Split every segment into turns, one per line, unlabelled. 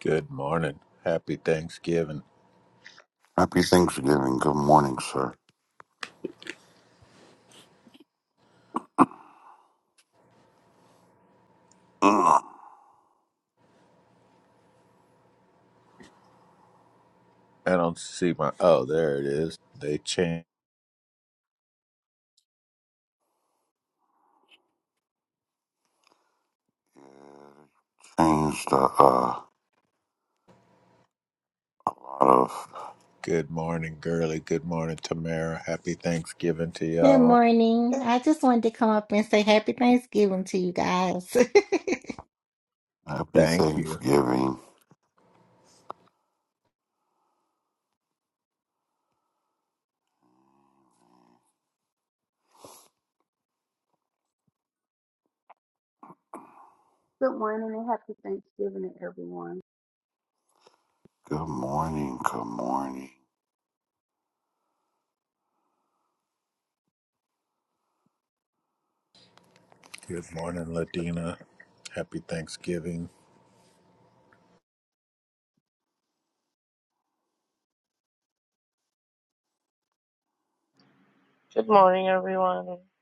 Good morning. Happy Thanksgiving.
Happy Thanksgiving. Good morning, sir. Ugh.
I don't see my. Oh, there it is. They chant.
Changed uh, uh, a lot of
Good morning, Girly. Good morning, Tamara. Happy Thanksgiving to
Good
y'all.
morning. I just wanted to come up and say happy Thanksgiving to you guys.
happy
Thank you.
Thanksgiving.
Good morning and happy Thanksgiving to everyone.
Good morning. Good morning.
Good morning, Ladina. Happy Thanksgiving.
Good morning, everyone. Happy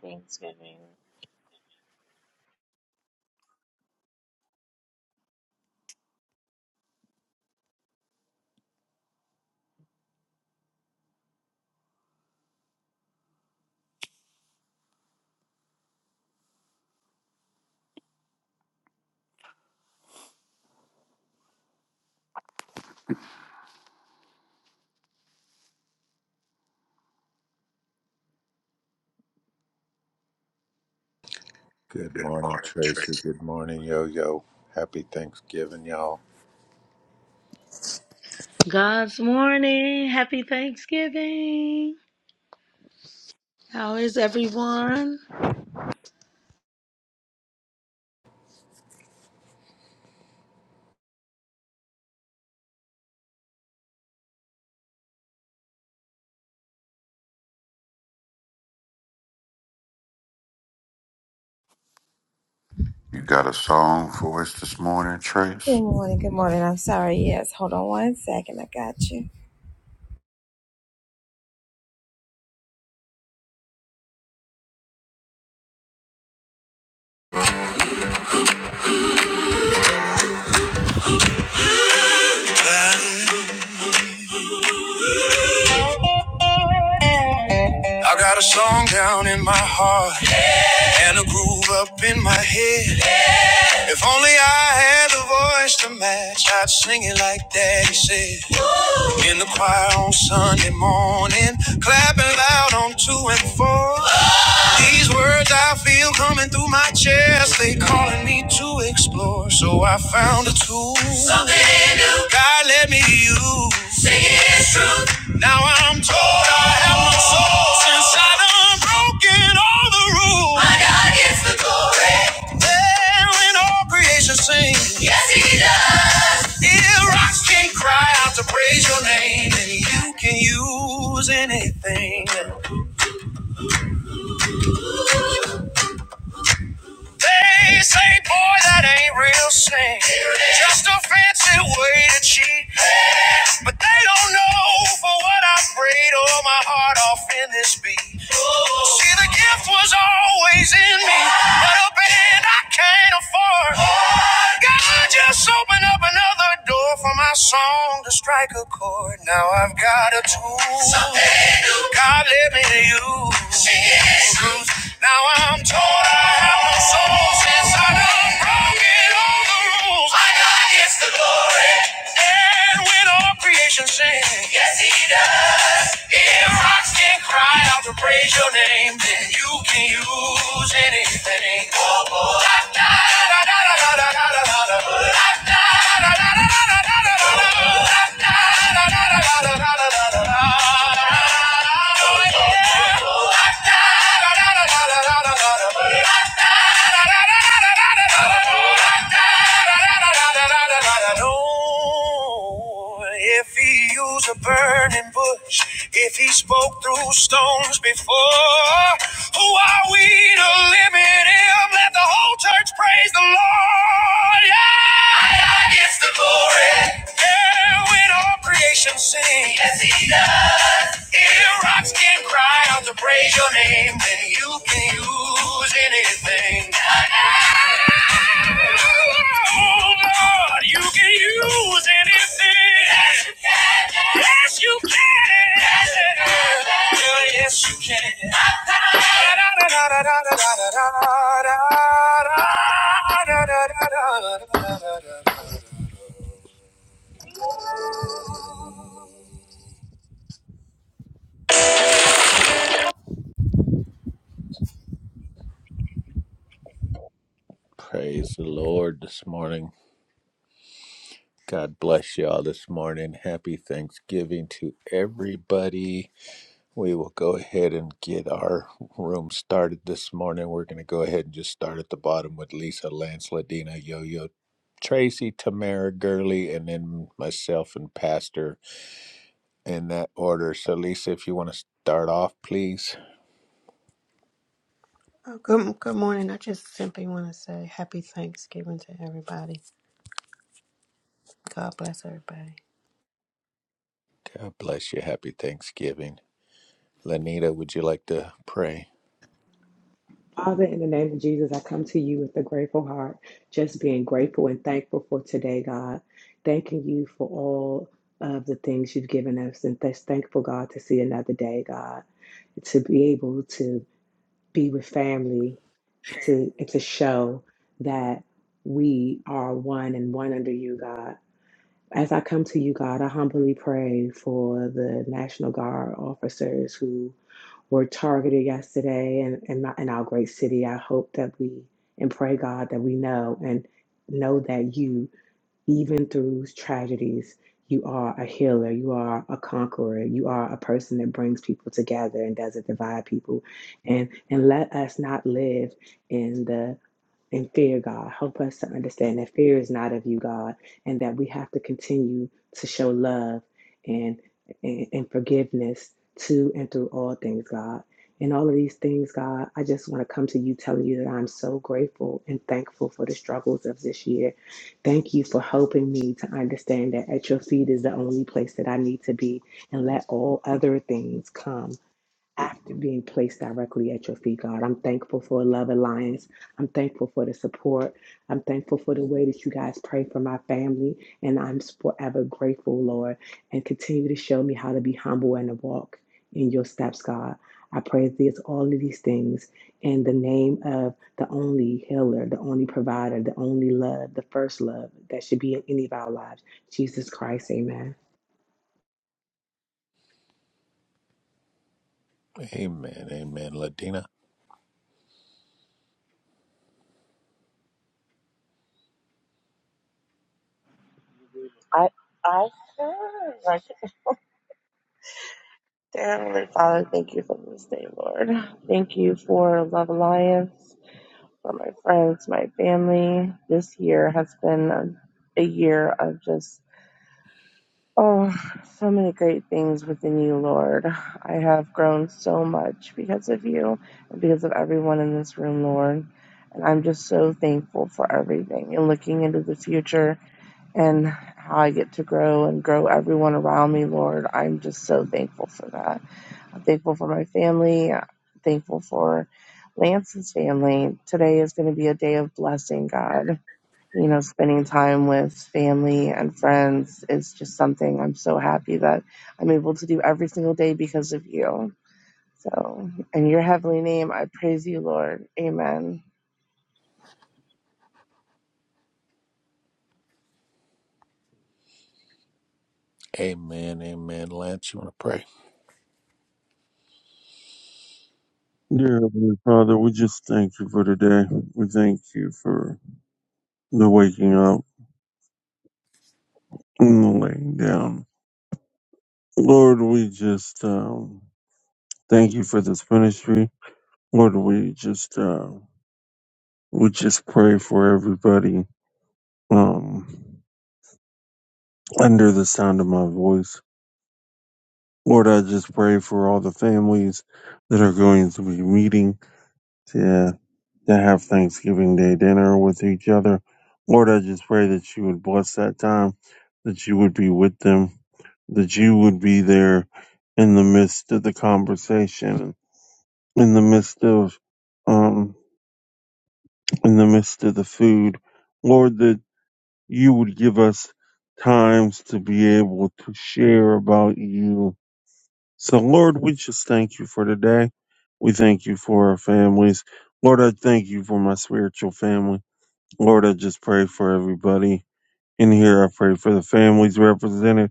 Thanksgiving.
Good
Good
morning,
morning,
Tracy.
Trace.
Good morning, Yo Yo. Happy Thanksgiving, y'all.
God's morning. Happy Thanksgiving. How is everyone?
You got a song for us this morning, Trace?
I got a song down in my heart and a groove up in my head. If only I had the voice to match, I'd sing it like Daddy said. In the choir on Sunday morning, clapping loud on two and four. These words I feel coming through my chest, they calling me to explore. So I found a tool. Something new. God let me use. Sing His truth. Now I'm told I have no soul since I done broken all the rules. My God gets the glory. Then when all creation sings, yes He does. If rocks can cry out to praise Your name, and You can use anything. They say, boy, that ain't real sin. Just a fancy way to cheat. But they don't know for what I prayed all my heart off in this beat. See, the gift was always in me, but a band I can't afford. God just opened up another door for my song to strike a chord. Now I've got a tool. God led me to you. Now I'm told I have no soul since I done broke it on the road rules. My God gets the glory. And when all creation sings, yes, He does. If rocks can cry out to praise your name, then you can use anything. Oh, oh. Da, da, da, da, da, da, da, da, da, da. Da, da, da, da, da, da, da, da, da, da. Da, da, da, da, da, da, da, da, da, da, da. Oh, yeah. Da, da, da, da, da, da, da, da. If he used a burning bush, if he spoke through stones before, who are we to limit him? Let the whole church praise the Lord. Yeah, I, I gets the glory. Yeah, when all creation sings. Yes, he does. If rocks can cry out to praise your name, then you can use anything. Oh Lord, you can use anything. Yes, you can. Yes, you can. Da-da-da-da-da-da-da-da-da-da-da-da-da-da-da-da-da-da-da-da.
Praise the Lord this morning. God bless y'all this morning. Happy Thanksgiving to everybody. We will go ahead and get our room started this morning. We're going to go ahead and just start at the bottom with Lisa, Lance, Ladina, Yo Yo, Tracy, Tamara, Gurley, and then myself and Pastor in that order. So, Lisa, if you want to start off, please.
Oh, good, good morning. I just simply want to say happy Thanksgiving to everybody. God bless everybody.
God bless you. Happy Thanksgiving. Lanita, would you like to pray?
Father, in the name of Jesus, I come to you with a grateful heart, just being grateful and thankful for today, God. Thanking you for all of the things you've given us, and just thankful, God, to see another day, God, to be able to be with family and to, and to show that we are one and one under you, God. As I come to you, God, I humbly pray for the National Guard officers who were targeted yesterday in, in, my, in our great city. I hope that we and pray, God, that we know and know that you, even through tragedies, you are a healer, you are a conqueror, you are a person that brings people together and doesn't divide people. And and let us not live in the and fear, God. Help us to understand that fear is not of you, God, and that we have to continue to show love and, and, and forgiveness to and through all things, God. In all of these things, God, I just want to come to you telling you that I'm so grateful and thankful for the struggles of this year. Thank you for helping me to understand that at your feet is the only place that I need to be and let all other things come after being placed directly at your feet, God. I'm thankful for Love Alliance. I'm thankful for the support. I'm thankful for the way that you guys pray for my family. And I'm forever grateful, Lord. And continue to show me how to be humble and to walk in your steps, God. I pray this, all of these things in the name of the only healer, the only provider, the only love, the first love that should be in any of our lives. Jesus Christ, amen.
Amen. Amen. Ladina.
I I I Dear Heavenly Father, thank you for this day, Lord. Thank you for Love Alliance, for my friends, my family. This year has been a, a year of just oh, so many great things within you, Lord. I have grown so much because of you and because of everyone in this room, Lord. And I'm just so thankful for everything. And looking into the future, and how I get to grow and grow everyone around me, Lord. I'm just so thankful for that. I'm thankful for my family. I'm thankful for Lance's family. Today is going to be a day of blessing, God. You know, spending time with family and friends is just something I'm so happy that I'm able to do every single day because of you. So, in your heavenly name, I praise you, Lord. Amen.
Amen. Amen. Lance, you want to pray?
Dear Heavenly Father, we just thank you for today. We thank you for the waking up and the laying down. Lord, we just um, thank you for this ministry. Lord, we just uh, we just pray for everybody um, under the sound of my voice. Lord, I just pray for all the families that are going to be meeting that have Thanksgiving Day dinner with each other. Lord, I just pray that you would bless that time, that you would be with them, that you would be there in the midst of the conversation, in the midst of, um, in the midst of the food. Lord, that you would give us times to be able to share about you. So Lord, we just thank you for today. We thank you for our families. Lord, I thank you for my spiritual family. Lord, I just pray for everybody in here. I pray for the families represented.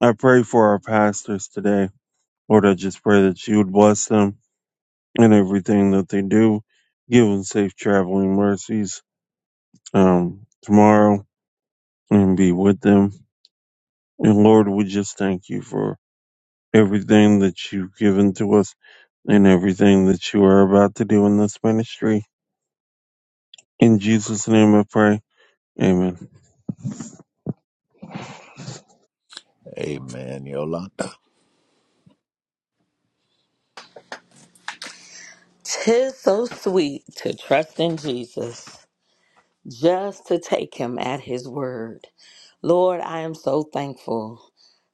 I pray for our pastors today. Lord, I just pray that you would bless them and everything that they do. Give them safe traveling mercies um, tomorrow and be with them. And Lord, we just thank you for everything that you've given to us and everything that you are about to do in this ministry. In Jesus' name I pray. Amen.
Amen. Yolanda.
Tis so sweet to trust in Jesus, just to take him at his word. Lord, I am so thankful.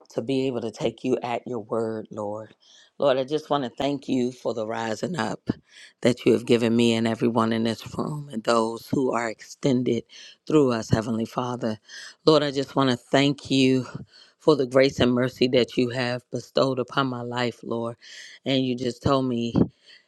to be able to take you at your word, Lord. Lord, I just want to thank you for the rising up that you have given me and everyone in this room and those who are extended through us, Heavenly Father. Lord, I just want to thank you for the grace and mercy that you have bestowed upon my life, Lord. And you just told me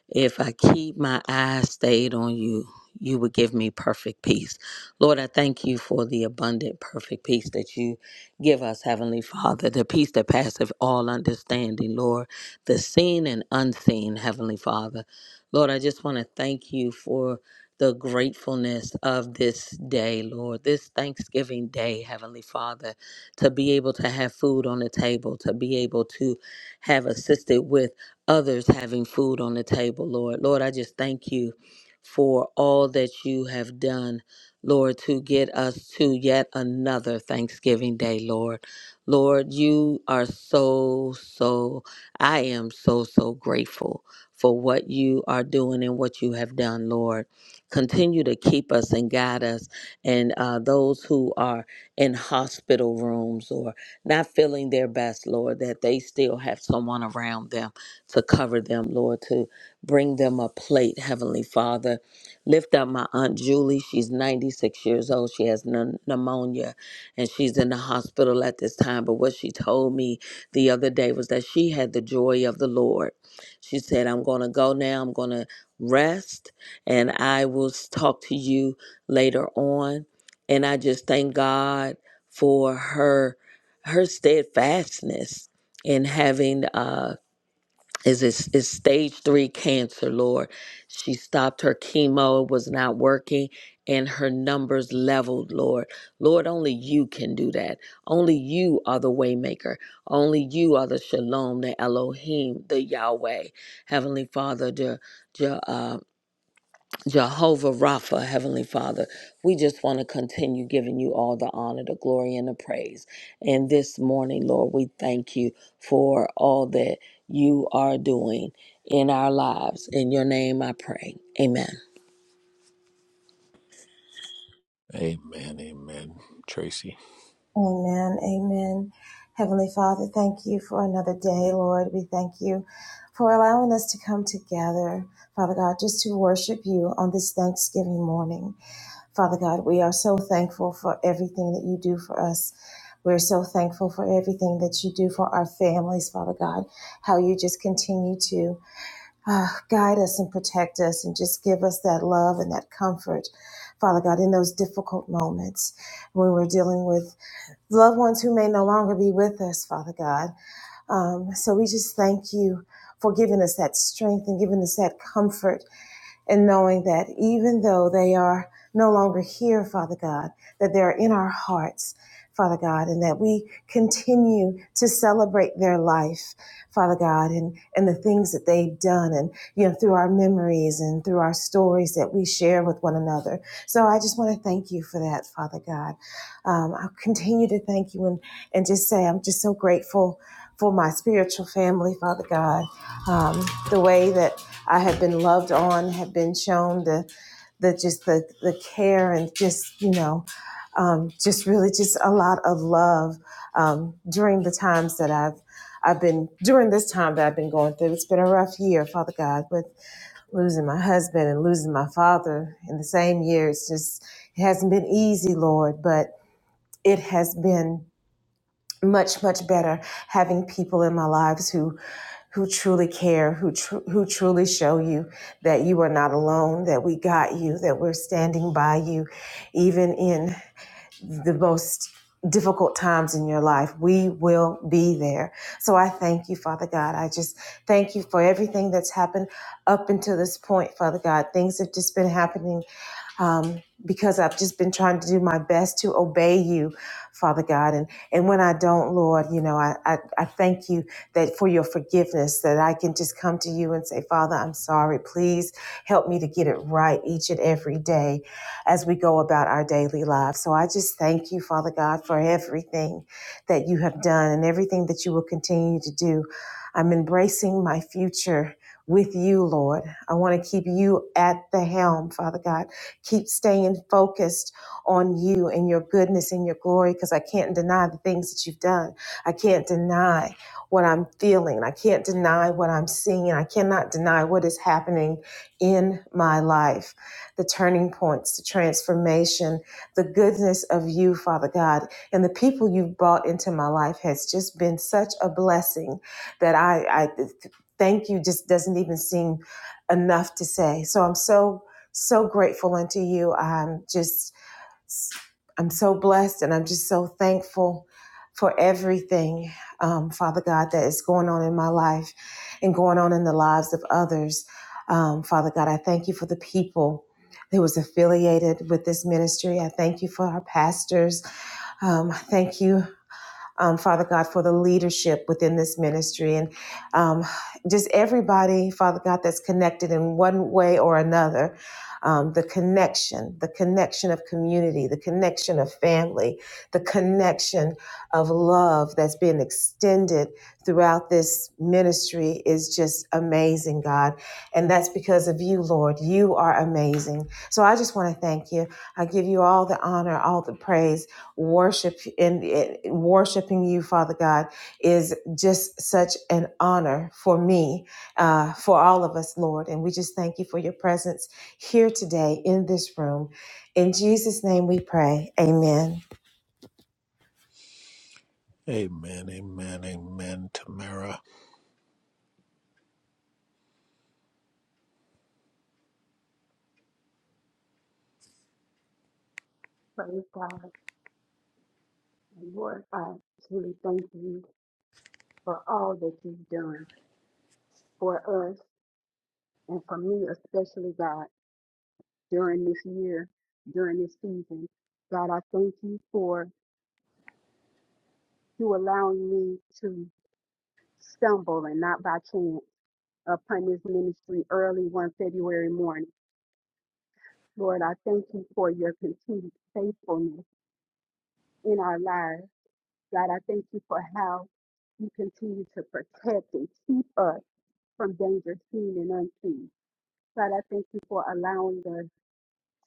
if I keep my eyes stayed on you, you would give me perfect peace. Lord, I thank you for the abundant, perfect peace that you Give us, Heavenly Father, the peace that passeth all understanding, Lord, the seen and unseen, Heavenly Father. Lord, I just want to thank you for the gratefulness of this day, Lord, this Thanksgiving day, Heavenly Father, to be able to have food on the table, to be able to have assisted with others having food on the table, Lord. Lord, I just thank you for all that you have done Lord, to get us to yet another Thanksgiving Day, Lord. Lord, you are so, so, I am so, so grateful for what you are doing and what you have done, Lord. Continue to keep us and guide us, and uh, those who are in hospital rooms or not feeling their best, Lord, that they still have someone around them to cover them, Lord, to bring them a plate, Heavenly Father Lift up my Aunt Julie. She's 96 years old. She has pneu- pneumonia and she's in the hospital at this time. But what she told me the other day was that she had the joy of the Lord. She said, I'm going to go now. I'm going to rest and I will s- talk to you later on. And I just thank God for her her steadfastness in having uh is is is stage three cancer, Lord. She stopped her chemo, it was not working, and her numbers leveled, Lord. Lord, only you can do that. Only you are the waymaker. Only you are the Shalom, the Elohim, the Yahweh, Heavenly Father, the, Jehovah Rapha, Heavenly Father, we just want to continue giving you all the honor, the glory, and the praise. And this morning, Lord, we thank you for all that you are doing in our lives. In your name I pray. Amen.
Amen. Amen. Tracy. Amen, amen, amen, Tamara.
Praise God and Lord, I truly thank you for all that you've done for us and for me, especially God, during this year, during this season. God, I thank you for you allowing me to stumble and not by chance upon this ministry early one February morning. Lord, I thank you for your continued faithfulness in our lives. God, I thank you for how you continue to protect and keep us from danger seen and unseen. God, I thank you for allowing us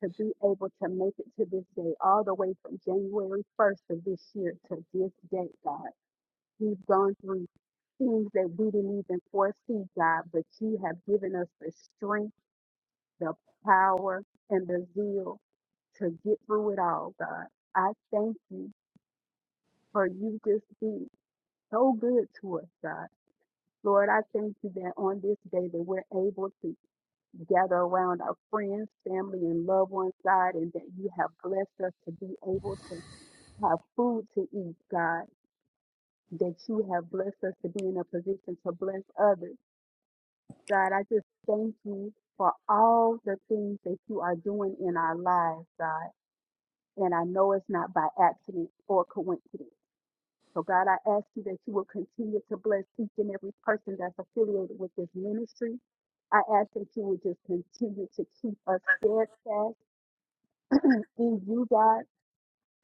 to be able to make it to this day, all the way from January 1st of this year to this day, God. We've gone through things that we didn't even foresee, God, but you have given us the strength, the power, and the zeal to get through it all, God. I thank you for you just being so good to us, God. Lord, I thank you that on this day that we're able to gather around our friends, family, and loved ones, God, and that you have blessed us to be able to have food to eat, God, that you have blessed us to be in a position to bless others. God, I just thank you for all the things that you are doing in our lives, God. And I know it's not by accident or coincidence. So God, I ask you that you will continue to bless each and every person that's affiliated with this ministry. I ask that you would just continue to keep us steadfast in you, God.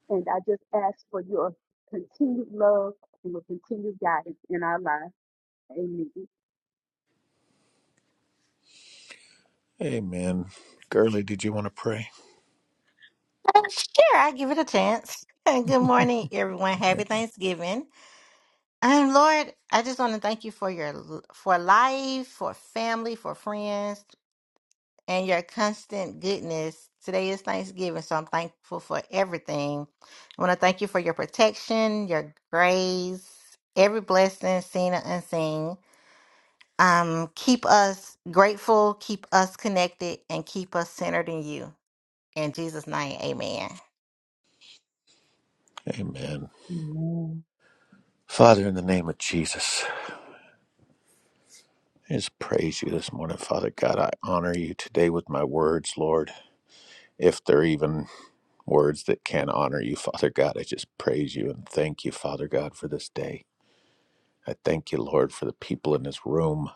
And I just ask for your continued love and your continued guidance in our lives. Amen.
Amen. Gurley, did you want to pray?
Oh, sure, I give it a chance. Good morning, everyone. Happy Thanksgiving. And Lord, I just want to thank you for your l- for life, for family, for friends, and your constant goodness. Today is Thanksgiving, so I'm thankful for everything. I want to thank you for your protection, your grace, every blessing seen and unseen. Um, keep us grateful, keep us connected, and keep us centered in you. In Jesus' name, amen.
Amen. Father, in the name of Jesus, I just praise you this morning. Father God, I honor you today with my words, Lord. If there are even words that can honor you, Father God, I just praise you and thank you, Father God, for this day. I thank you, Lord, for the people in this room.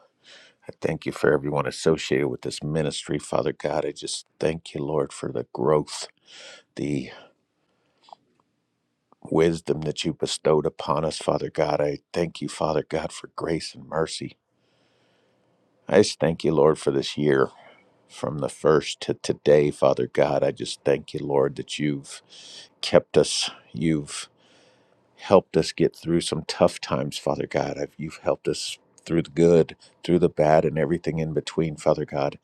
I thank you for everyone associated with this ministry, Father God. I just thank you, Lord, for the growth, the wisdom that you bestowed upon us, Father God. I thank you, Father God, for grace and mercy. I just thank you, Lord, for this year from the first to today, Father God. I just thank you, Lord, that you've kept us. You've helped us get through some tough times, Father God. I've, you've helped us through the good, through the bad, and everything in between, Father God.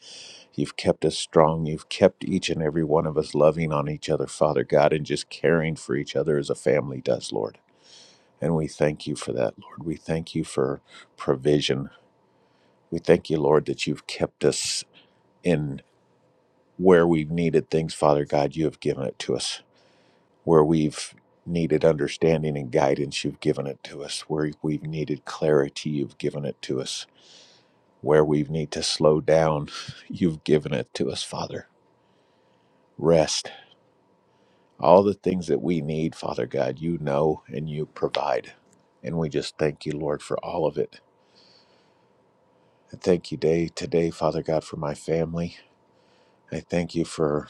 You've kept us strong. You've kept each and every one of us loving on each other, Father God, and just caring for each other as a family does, Lord. And we thank you for that, Lord. We thank you for provision. We thank you, Lord, that you've kept us in where we've needed things, Father God, you have given it to us. Where we've needed understanding and guidance, you've given it to us. Where we've needed clarity, you've given it to us. Where we need to slow down, you've given it to us, Father. Rest, all the things that we need, Father God, you know and you provide. And we just thank you, Lord, for all of it. I thank you day today, Father God, for my family. I thank you for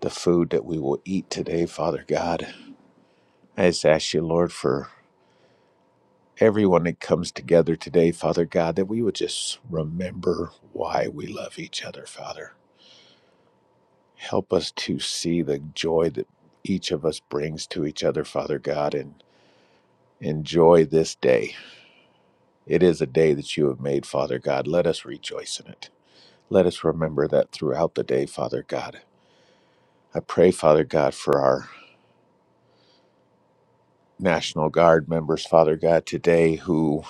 the food that we will eat today, Father God. I just ask you, Lord, for everyone that comes together today, Father God, that we would just remember why we love each other, Father. Help us to see the joy that each of us brings to each other, Father God, and enjoy this day. It is a day that you have made, Father God. Let us rejoice in it. Let us remember that throughout the day, Father God. I pray, Father God, for our National Guard members, Father God, today who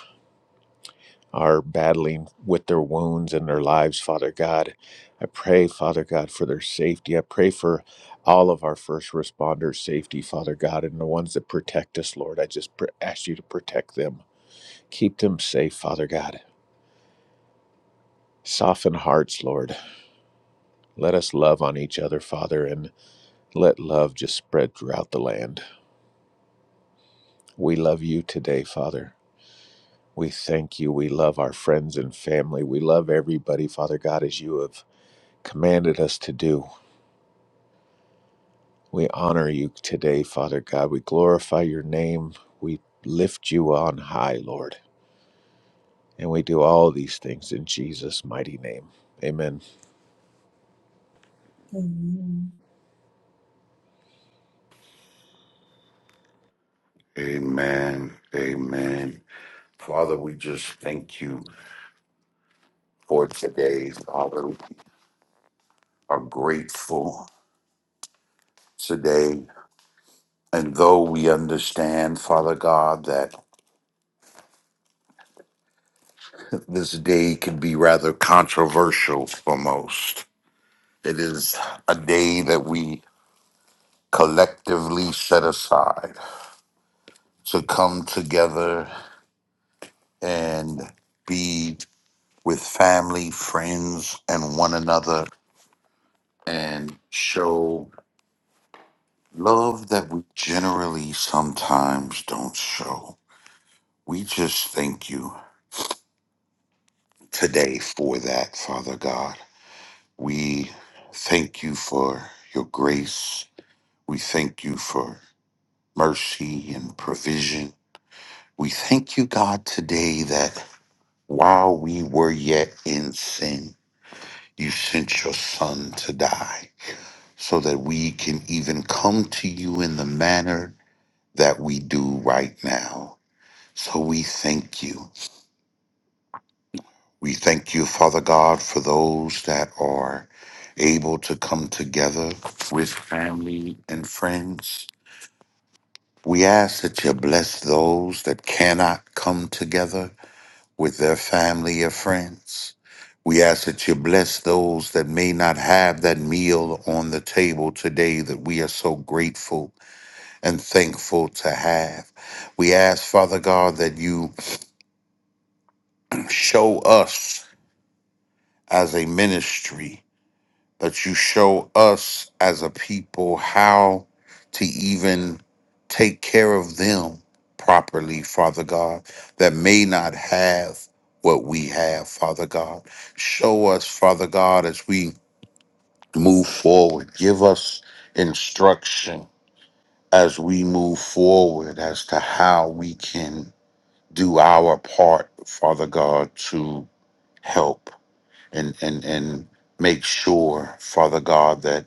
are battling with their wounds and their lives, Father God. I pray, Father God, for their safety. I pray for all of our first responders' safety, Father God, and the ones that protect us, Lord. I just pr- ask you to protect them. Keep them safe, Father God. Soften hearts, Lord. Let us love on each other, Father, and let love just spread throughout the land. We love you today, Father. We thank you. We love our friends and family. We love everybody, Father God, as you have commanded us to do. We honor you today, Father God. We glorify your name. We lift you on high, Lord. And we do all these things in Jesus' mighty name. Amen.
Amen. Amen. Father, we just thank you for today. Father, we are grateful today. And though we understand, Father God, that this day can be rather controversial for most, It is a day that we collectively set aside to come together and be with family, friends, and one another and show love that we generally sometimes don't show. We just thank you today for that, Father God. We thank you for your grace. We thank you for mercy and provision. We thank you, God, today that while we were yet in sin, you sent your Son to die so that we can even come to you in the manner that we do right now. So we thank you. We thank you, Father God, for those that are able to come together with family and friends. We ask that you bless those that cannot come together. with their family or friends. We ask that you bless those that may not have that meal on the table today that we are so grateful and thankful to have. We ask, Father God, that you show us as a ministry. that you show us as a people how to even take care of them properly, Father God, that may not have what we have, Father God. Show us, Father God, as we move forward. Give us instruction as we move forward as to how we can do our part, Father God, to help and and and make sure, Father God, that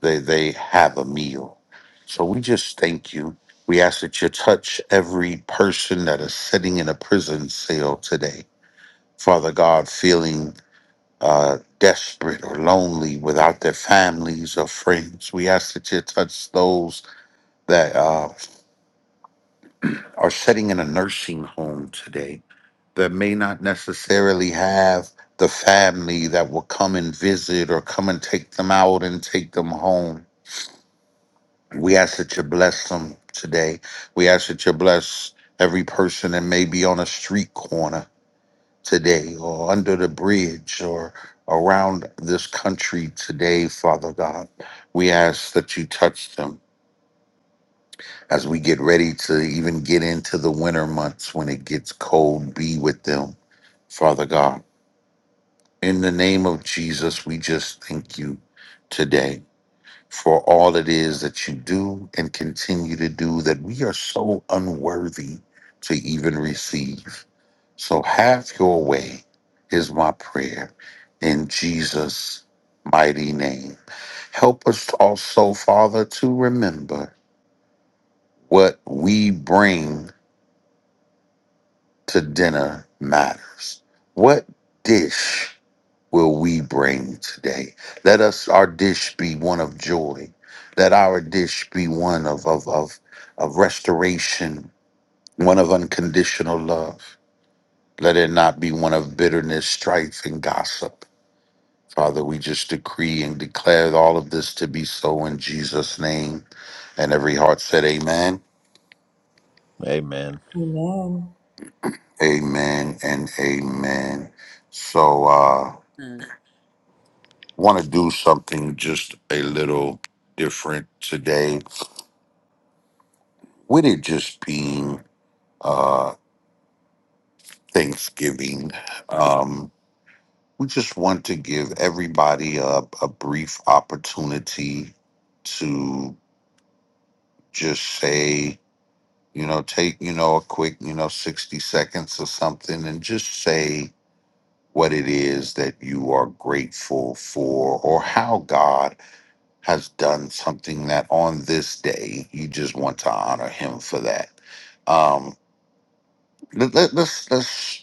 they they have a meal. So we just thank you. We ask that you touch every person that is sitting in a prison cell today. Father God, feeling uh, desperate or lonely without their families or friends. We ask that you touch those that uh, are sitting in a nursing home today that may not necessarily have the family that will come and visit or come and take them out and take them home. We ask that you bless them today. We ask that you bless every person that may be on a street corner today or under the bridge or around this country today, Father God. We ask that you touch them as we get ready to even get into the winter months when it gets cold. Be with them, Father God. In the name of Jesus, we just thank you today. for all it is that you do and continue to do that we are so unworthy to even receive. So have your way is my prayer in Jesus' mighty name. Help us also, Father, to remember what we bring to dinner matters. What dish will we bring today? Let us our dish be one of joy. Let our dish be one of of of, of restoration, one of unconditional love. Let it not be one of bitterness, strife, and gossip. Father, we just decree and declare all of this to be so in Jesus' name. And every heart said, Amen,
Amen.
Amen, and Amen. So, uh,
Mm.
want to do something just a little different today with it just being uh, Thanksgiving, um, we just want to give everybody a, a brief opportunity to just say, you know, take, you know, a quick, you know, 60 seconds or something and just say what it is that you are grateful for or how God has done something that on this day you just want to honor him for that. Um, let, let, let's let's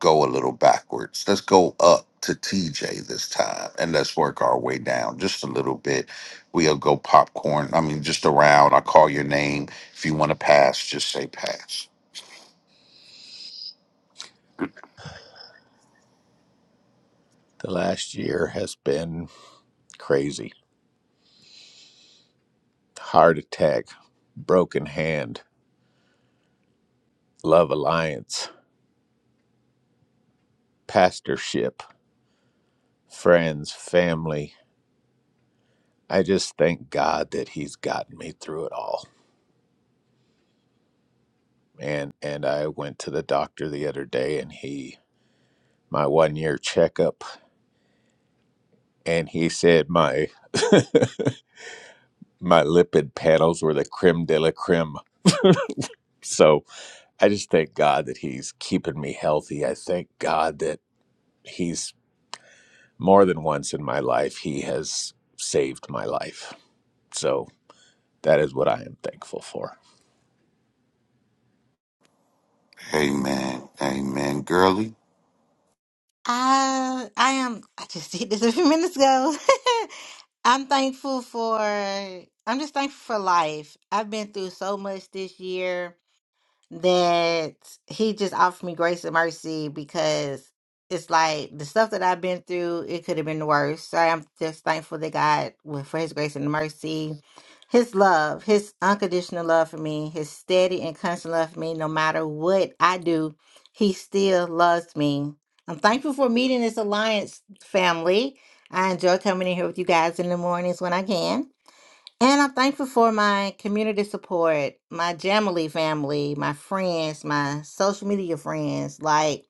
go a little backwards. Let's go up to TJ this time and let's work our way down just a little bit. We'll go popcorn. I mean, just around. I call your name. If you want to pass, just say pass.
The last year has been crazy heart attack, broken hand, love alliance, pastorship, friends, family. I just thank God that he's gotten me through it all. And and I went to the doctor the other day and he my one year checkup and he said my my lipid panels were the creme de la creme. So I just thank God that he's keeping me healthy. I thank God that he's more than once in my life he has saved my life. So that is what I am thankful for.
Amen. Amen. Girly.
I I am I just did this a few minutes ago. I'm thankful for I'm just thankful for life. I've been through so much this year that he just offered me grace and mercy because it's like the stuff that I've been through, it could have been the worst. So I'm just thankful that God, with- for his grace and mercy, his love, his unconditional love for me, his steady and constant love for me, no matter what I do, he still loves me. I'm thankful for meeting this alliance family. I enjoy coming in here with you guys in the mornings when I can. And I'm thankful for my community support, my Jamily family, my friends, my social media friends. Like,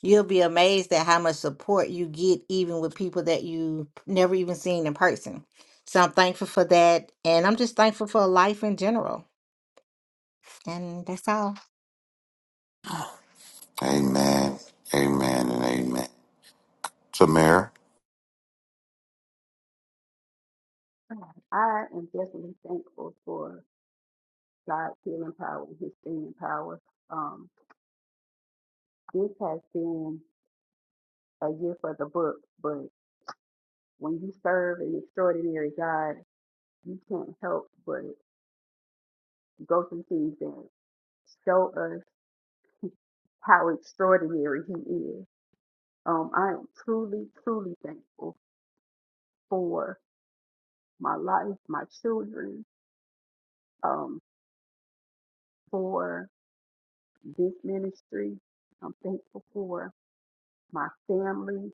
you'll be amazed at how much support you get, even with people that you never even seen in person. So I'm thankful for that. And I'm just thankful for life in general. And that's all.
Amen. Amen. And amen. Tamara.
I am definitely thankful for God's healing power and his healing power. Um, this has been a year for the book, but when you serve an extraordinary God, you can't help but Go through things Kingdom show us how extraordinary he is. Um, I am truly, truly thankful for my life, my children, um, for this ministry. I'm thankful for my family,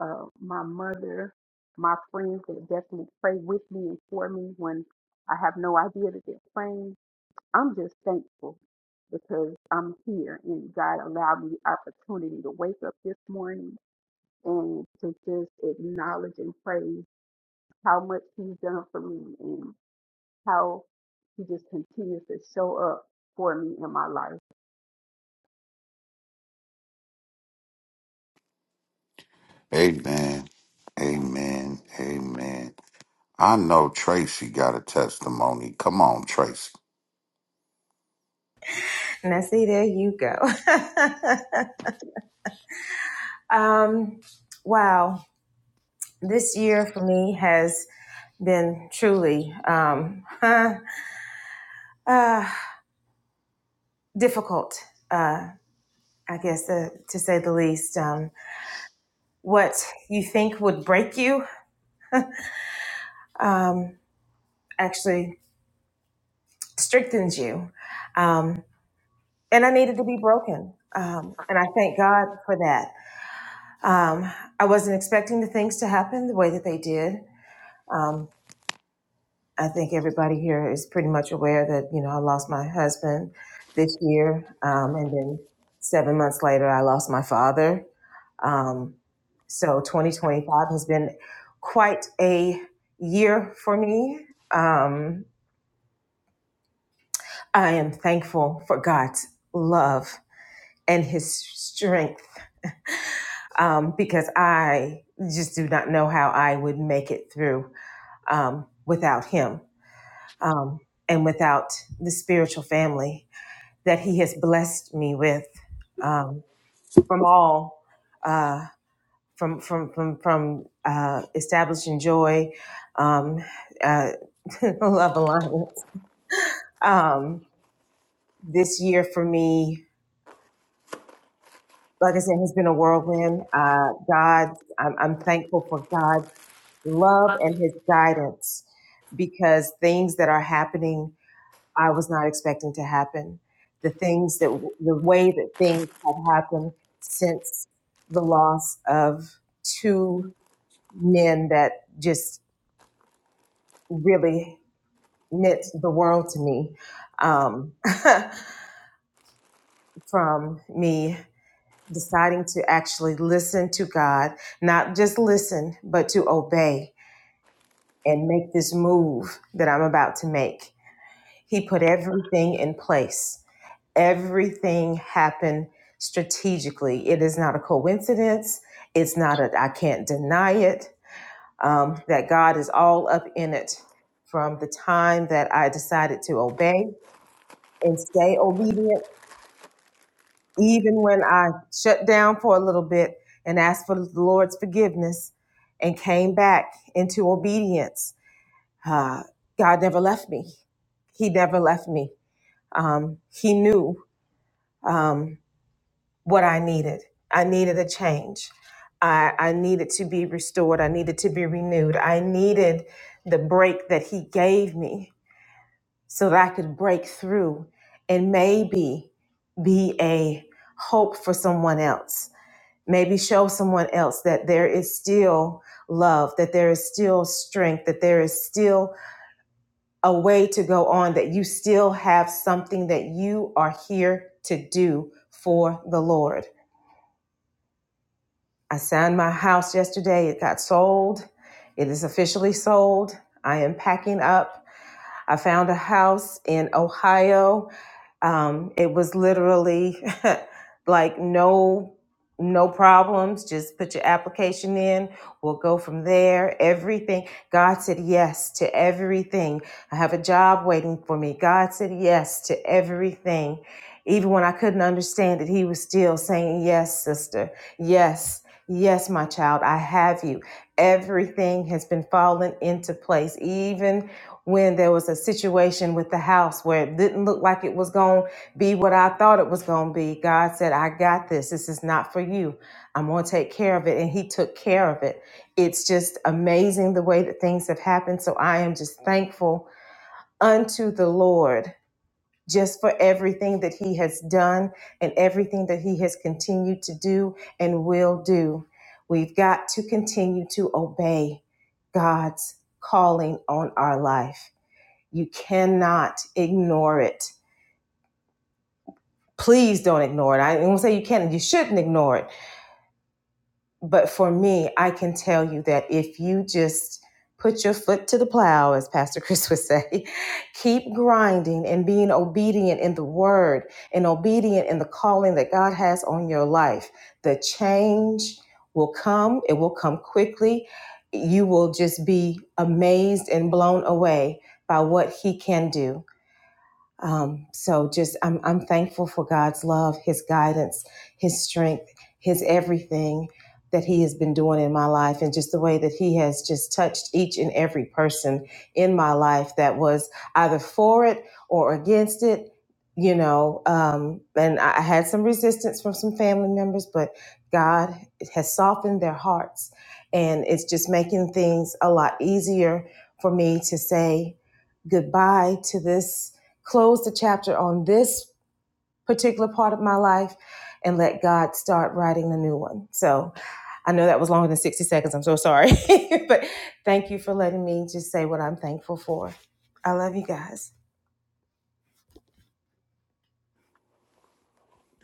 uh, my mother, my friends that definitely pray with me and for me when I have no idea that they're praying. I'm just thankful because I'm here and God allowed me the opportunity to wake up this morning and to just acknowledge and praise how much he's done for me and how he just continues to show up for me in my life.
Amen. Amen. Amen. I know Tracy got a testimony. Come on, Tracy.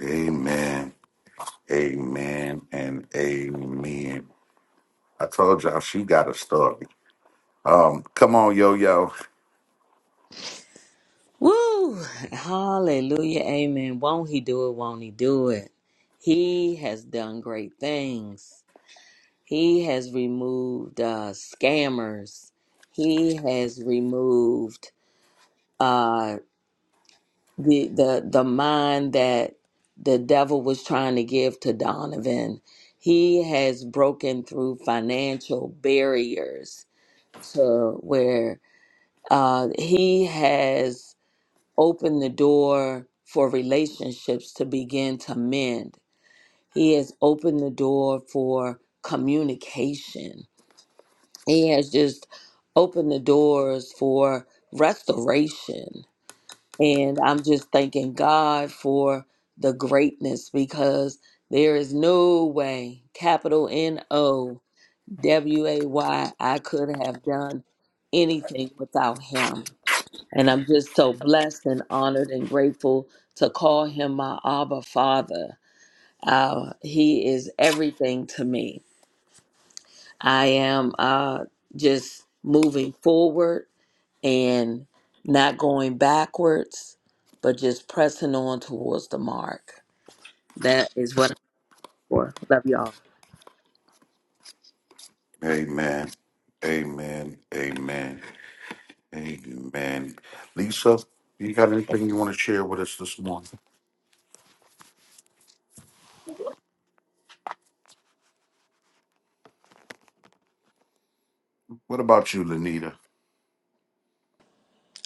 Amen. Amen and amen. I told y'all she got a story. Um, come on, yo yo.
Woo! Hallelujah. Amen. Won't he do it? Won't he do it? He has done great things. He has removed uh, scammers. He has removed the the the mind that the devil was trying to give to Donovan. He has broken through financial barriers to where uh, he has opened the door for relationships to begin to mend. He has opened the door for communication. He has just opened the doors for restoration and I'm just thanking God for the greatness because there is no way, capital N O W A Y, I could have done anything without him. And I'm just so blessed and honored and grateful to call him my Abba Father. Uh, he is everything to me. I am uh, just moving forward and not going backwards, but just pressing on towards the mark. That is what I'm for. Love y'all.
Amen. Amen. Amen. Amen. Lisa, you got anything you want to share with us this morning? What about you, Lenita?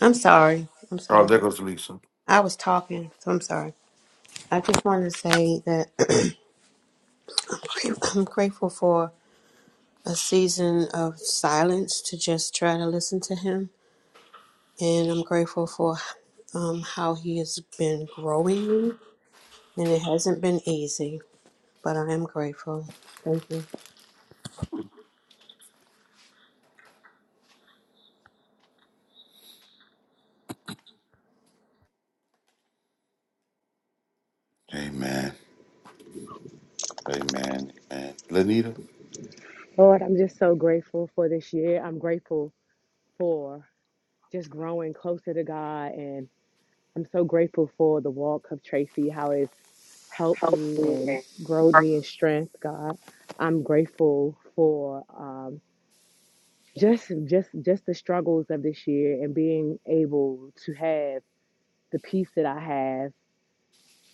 I'm sorry. I'm
Oh,
sorry.
there goes Lisa.
I was talking, so I'm sorry. I just wanted to say that I'm grate- I'm grateful for a season of silence to just try to listen to Him. And I'm grateful for um, how He has been growing me. And it hasn't been easy, but I am grateful. Thank you.
Amen. Amen. Amen. Lenita?
Lord, I'm just so grateful for this year. I'm grateful for just growing closer to God. And I'm so grateful for the walk of Tracy, how it's helped me and growed me in strength, God. I'm grateful for um, just just just the struggles of this year and being able to have the peace that I have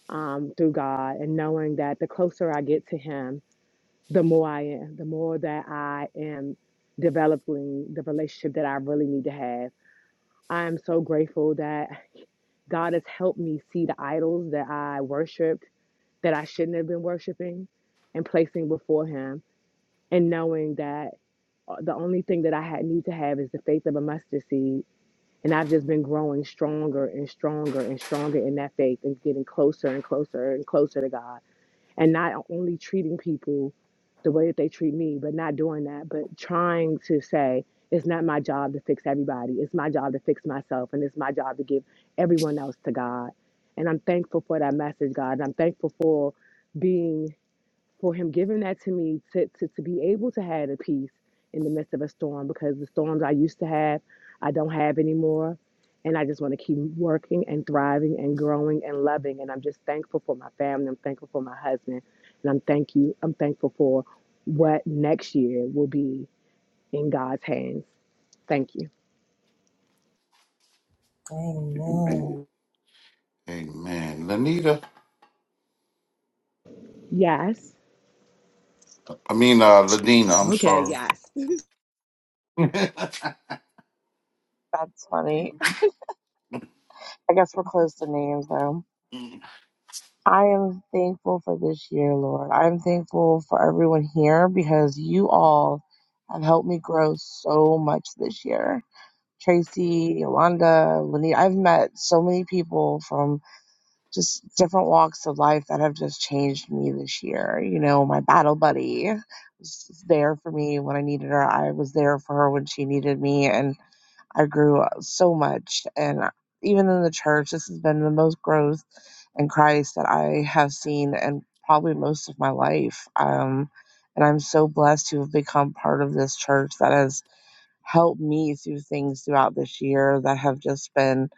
um, through God and knowing that the closer I get to Him, the more I am, the more that I am developing the relationship that I really need to have. I am so grateful that God has helped me see the idols that I worshiped that I shouldn't have been worshiping and placing before Him, and knowing that uh, the only thing that I had need to have is the faith of a mustard seed. And I've just been growing stronger and stronger and stronger in that faith and getting closer and closer and closer to God and not only treating people the way that they treat me, but not doing that, but trying to say, it's not my job to fix everybody. It's my job to fix myself, and it's my job to give everyone else to God. And I'm thankful for that message, God. And I'm thankful for being for him giving that to me to, to, to be able to have the peace in the midst of a storm because the storms I used to have, I don't have anymore. And I just want to keep working and thriving and growing and loving. And I'm just thankful for my family. I'm thankful for my husband. And I'm thank you. I'm thankful for what next year will be in God's hands. Thank you.
Amen. Amen. Lenita.
Yes.
I mean uh Lenina, I'm
Okay.
sorry.
Yes.
Amen.
That's funny. I guess we're close to names, though. I am thankful for this year, Lord. I'm thankful for everyone here because you all have helped me grow so much this year. Tracy, Yolanda, Lenita, I've met so many people from just different walks of life that have just changed me this year. You know, my battle buddy was there for me when I needed her. I was there for her when she needed me. and. I grew so much. And even in the church, this has been the most growth in Christ that I have seen in probably most of my life. Um, and I'm so blessed to have become part of this church that has helped me through things throughout this year that have just been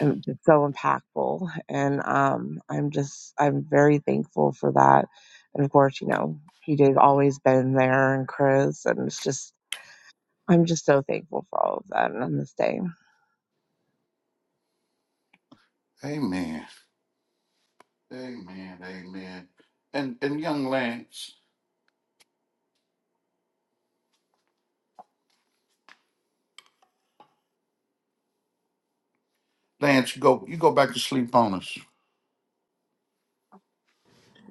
um, just so impactful. And um, I'm just, I'm very thankful for that. And of course, you know, PJ's always been there and Chris, and it's just I'm just so thankful for all of that on this day.
Amen. Amen. And and young Lance. Lance, you go you go back to sleep on us.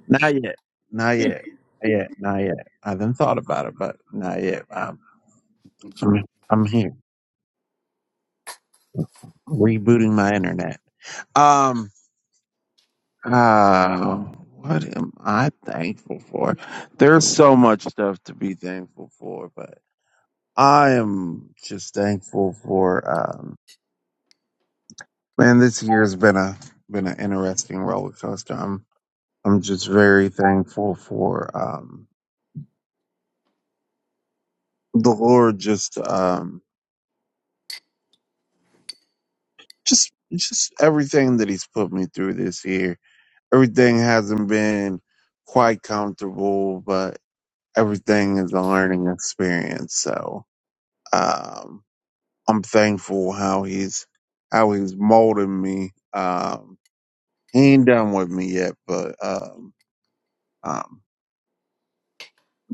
Not yet. Not yet. Not yet. Not yet. I haven't thought about it, but not yet. Um, I'm, I'm here rebooting my internet. Um, uh, what am I thankful for? There's so much stuff to be thankful for, but I am just thankful for, um, man, this year has been a, been an interesting roller coaster. I'm, I'm just very thankful for, um, the Lord just, um, just just everything that he's put me through this year. Everything hasn't been quite comfortable, but everything is a learning experience. So um, I'm thankful how he's how he's molding me. Um, he ain't done with me yet, but um, um,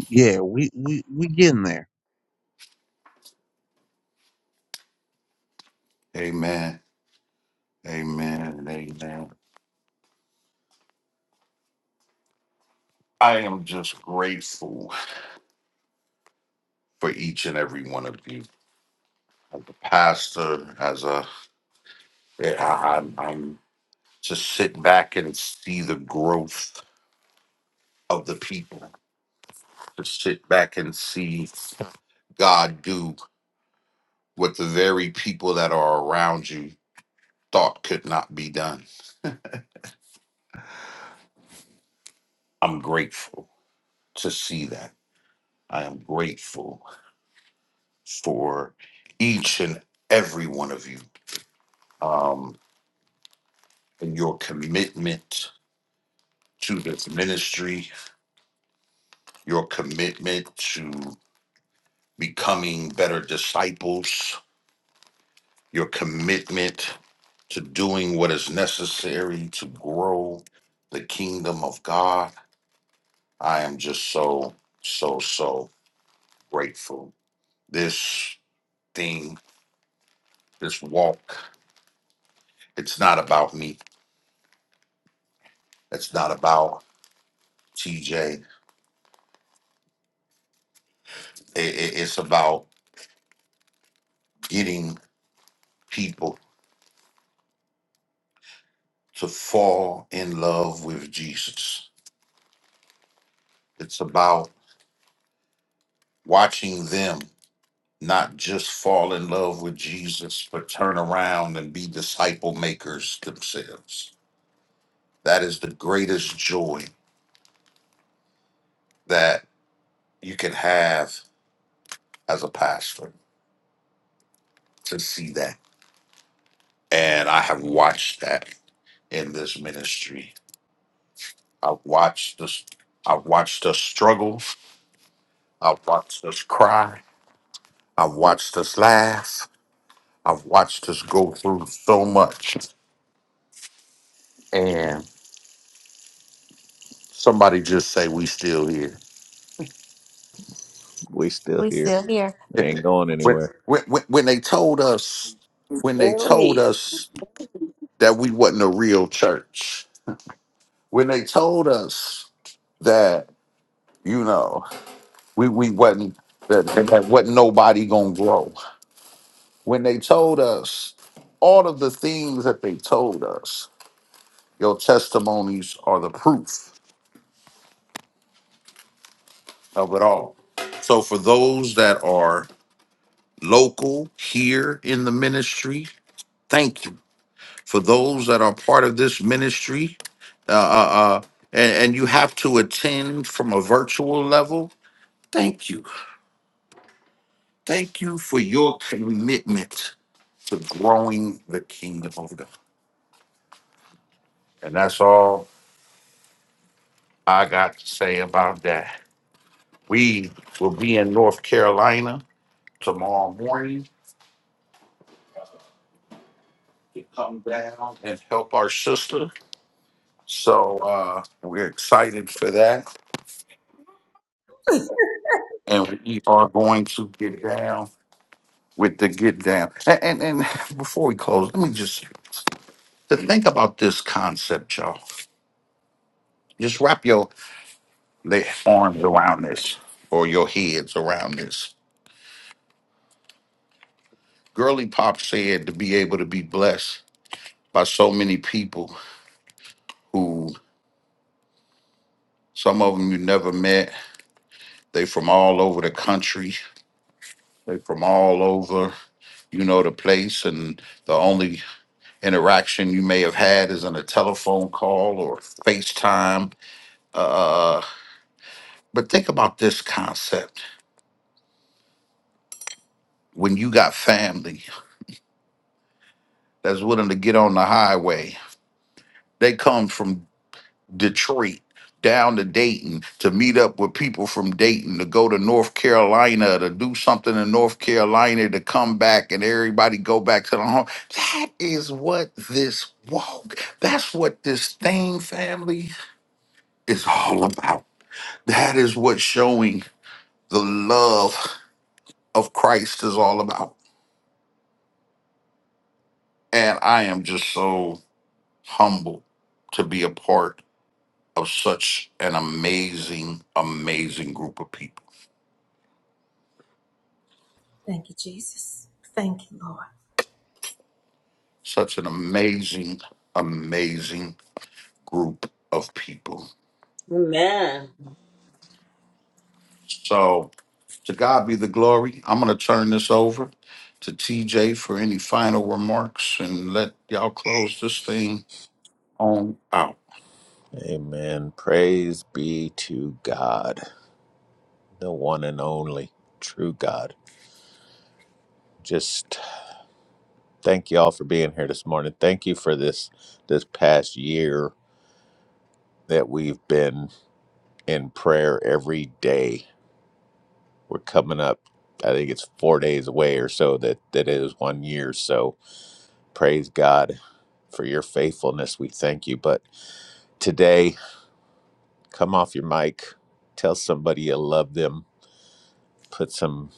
yeah, we we we getting there
Amen. Amen. Amen. I am just grateful for each and every one of you, The Pastor. As a, eh, I, I'm, I'm to sit back and see the growth of the people. To sit back and see God do what the very people that are around you thought could not be done. I'm grateful to see that. I am grateful for each and every one of you um, and your commitment to this ministry, your commitment to becoming better disciples, your commitment to doing what is necessary to grow the kingdom of God. I am just so, so, so grateful. This thing, this walk, it's not about me. It's not about TJ. it's about getting people to fall in love with Jesus. It's about watching them not just fall in love with Jesus, but turn around and be disciple makers themselves. That is the greatest joy that you can have as a pastor to see that. And I have watched that in this ministry. I've watched us, I've watched us struggle. I've watched us cry. I've watched us laugh. I've watched us go through so much. And somebody just say, We still here
We still
we
here.
still here.
We ain't going
when,
anywhere.
when when when they told us when they
Still
told
here.
us that we wasn't a real church when they told us that you know we we wasn't that, that wasn't nobody gonna grow when they told us all of the things that they told us your testimonies are the proof of it all so for those that are local here in the ministry thank you. for those that are part of this ministry. Uh, uh, uh, and, and you have to attend from a virtual level. Thank you. Thank you for your commitment to growing the kingdom of God. And that's all I got to say about that. We will be in North Carolina tomorrow morning to come down and help our sister. So uh, we're excited for that. And we are going to get down with the get down. And, and and before we close, let me just to think about this concept, y'all. Just wrap your le- arms around this or your heads around this. Girly Pop said to be able to be blessed by so many people who some of them you never met. They from all over the country. They from all over, you know, the place. And the only interaction you may have had is in a telephone call or FaceTime Uh. uh, uh, But think about this concept. When you got family that's willing to get on the highway, they come from Detroit down to Dayton to meet up with people from Dayton to go to North Carolina to do something in North Carolina to come back and everybody go back to the home. That is what this walk, that's what this thing, family, is all about. That is what showing the love of Christ is all about. And I am just so humbled to be a part of such an amazing, amazing group of people. Such an amazing, amazing group of people.
Amen.
So, to God be the glory. I'm going to turn this over to TJ for any final remarks and let y'all close this thing on out.
Amen. Praise be to God, the one and only true God. Just thank you all for being here this morning. Thank you for this this past year that we've been in prayer every day. We're coming up, I think it's four days away or so that that it is one year. So praise God for your faithfulness. We thank you. But today, come off your mic, tell somebody you love them, put some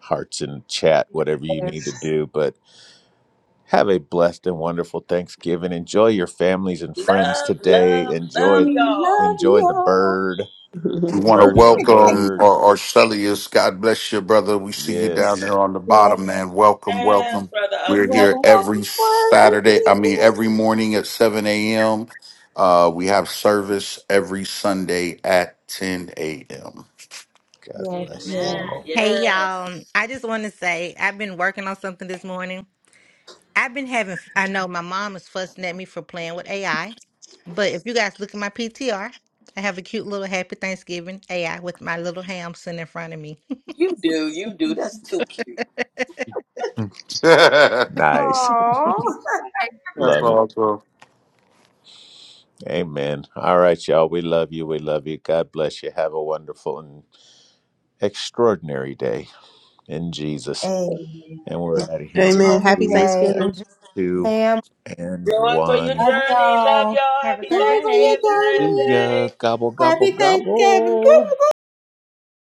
hearts and chat, whatever you need
Yes.
to do. But have a blessed and wonderful Thanksgiving. Enjoy your families and friends
Love,
today.
love, love
Enjoy
y'all.
enjoy the bird.
We want to
Bird is the
welcome
word.
our Arcelius. God bless you, brother. We see you down
Yes.
there on the bottom, man. Welcome,
Yes,
welcome.
Brother
We're here
Arcelius.
every Saturday, I mean, every morning at 7 a.m. Uh, we have service every Sunday at 10 a.m.
God bless you
Amen.
all.
Hey,
Yes.
y'all. I just want to say I've been working on something this morning. I've been having, I know my mom is fussing at me for playing with AI, but if you guys look at my PTR, I have a cute little happy Thanksgiving AI with my little ham sitting in front of me.
You do. You do. That's too cute.
Nice. Love it. Amen. All right, y'all. We love you. We love you. God bless you. Have a wonderful and extraordinary day in Jesus. And we're out of here. in
Amen. Happy
Three,
Thanksgiving.
two, and
Joy for your
one.
journey. Love y'all.
Happy
Happy
birthday.
Thanksgiving.
See ya.
day.
Gobble, gobble, gobble.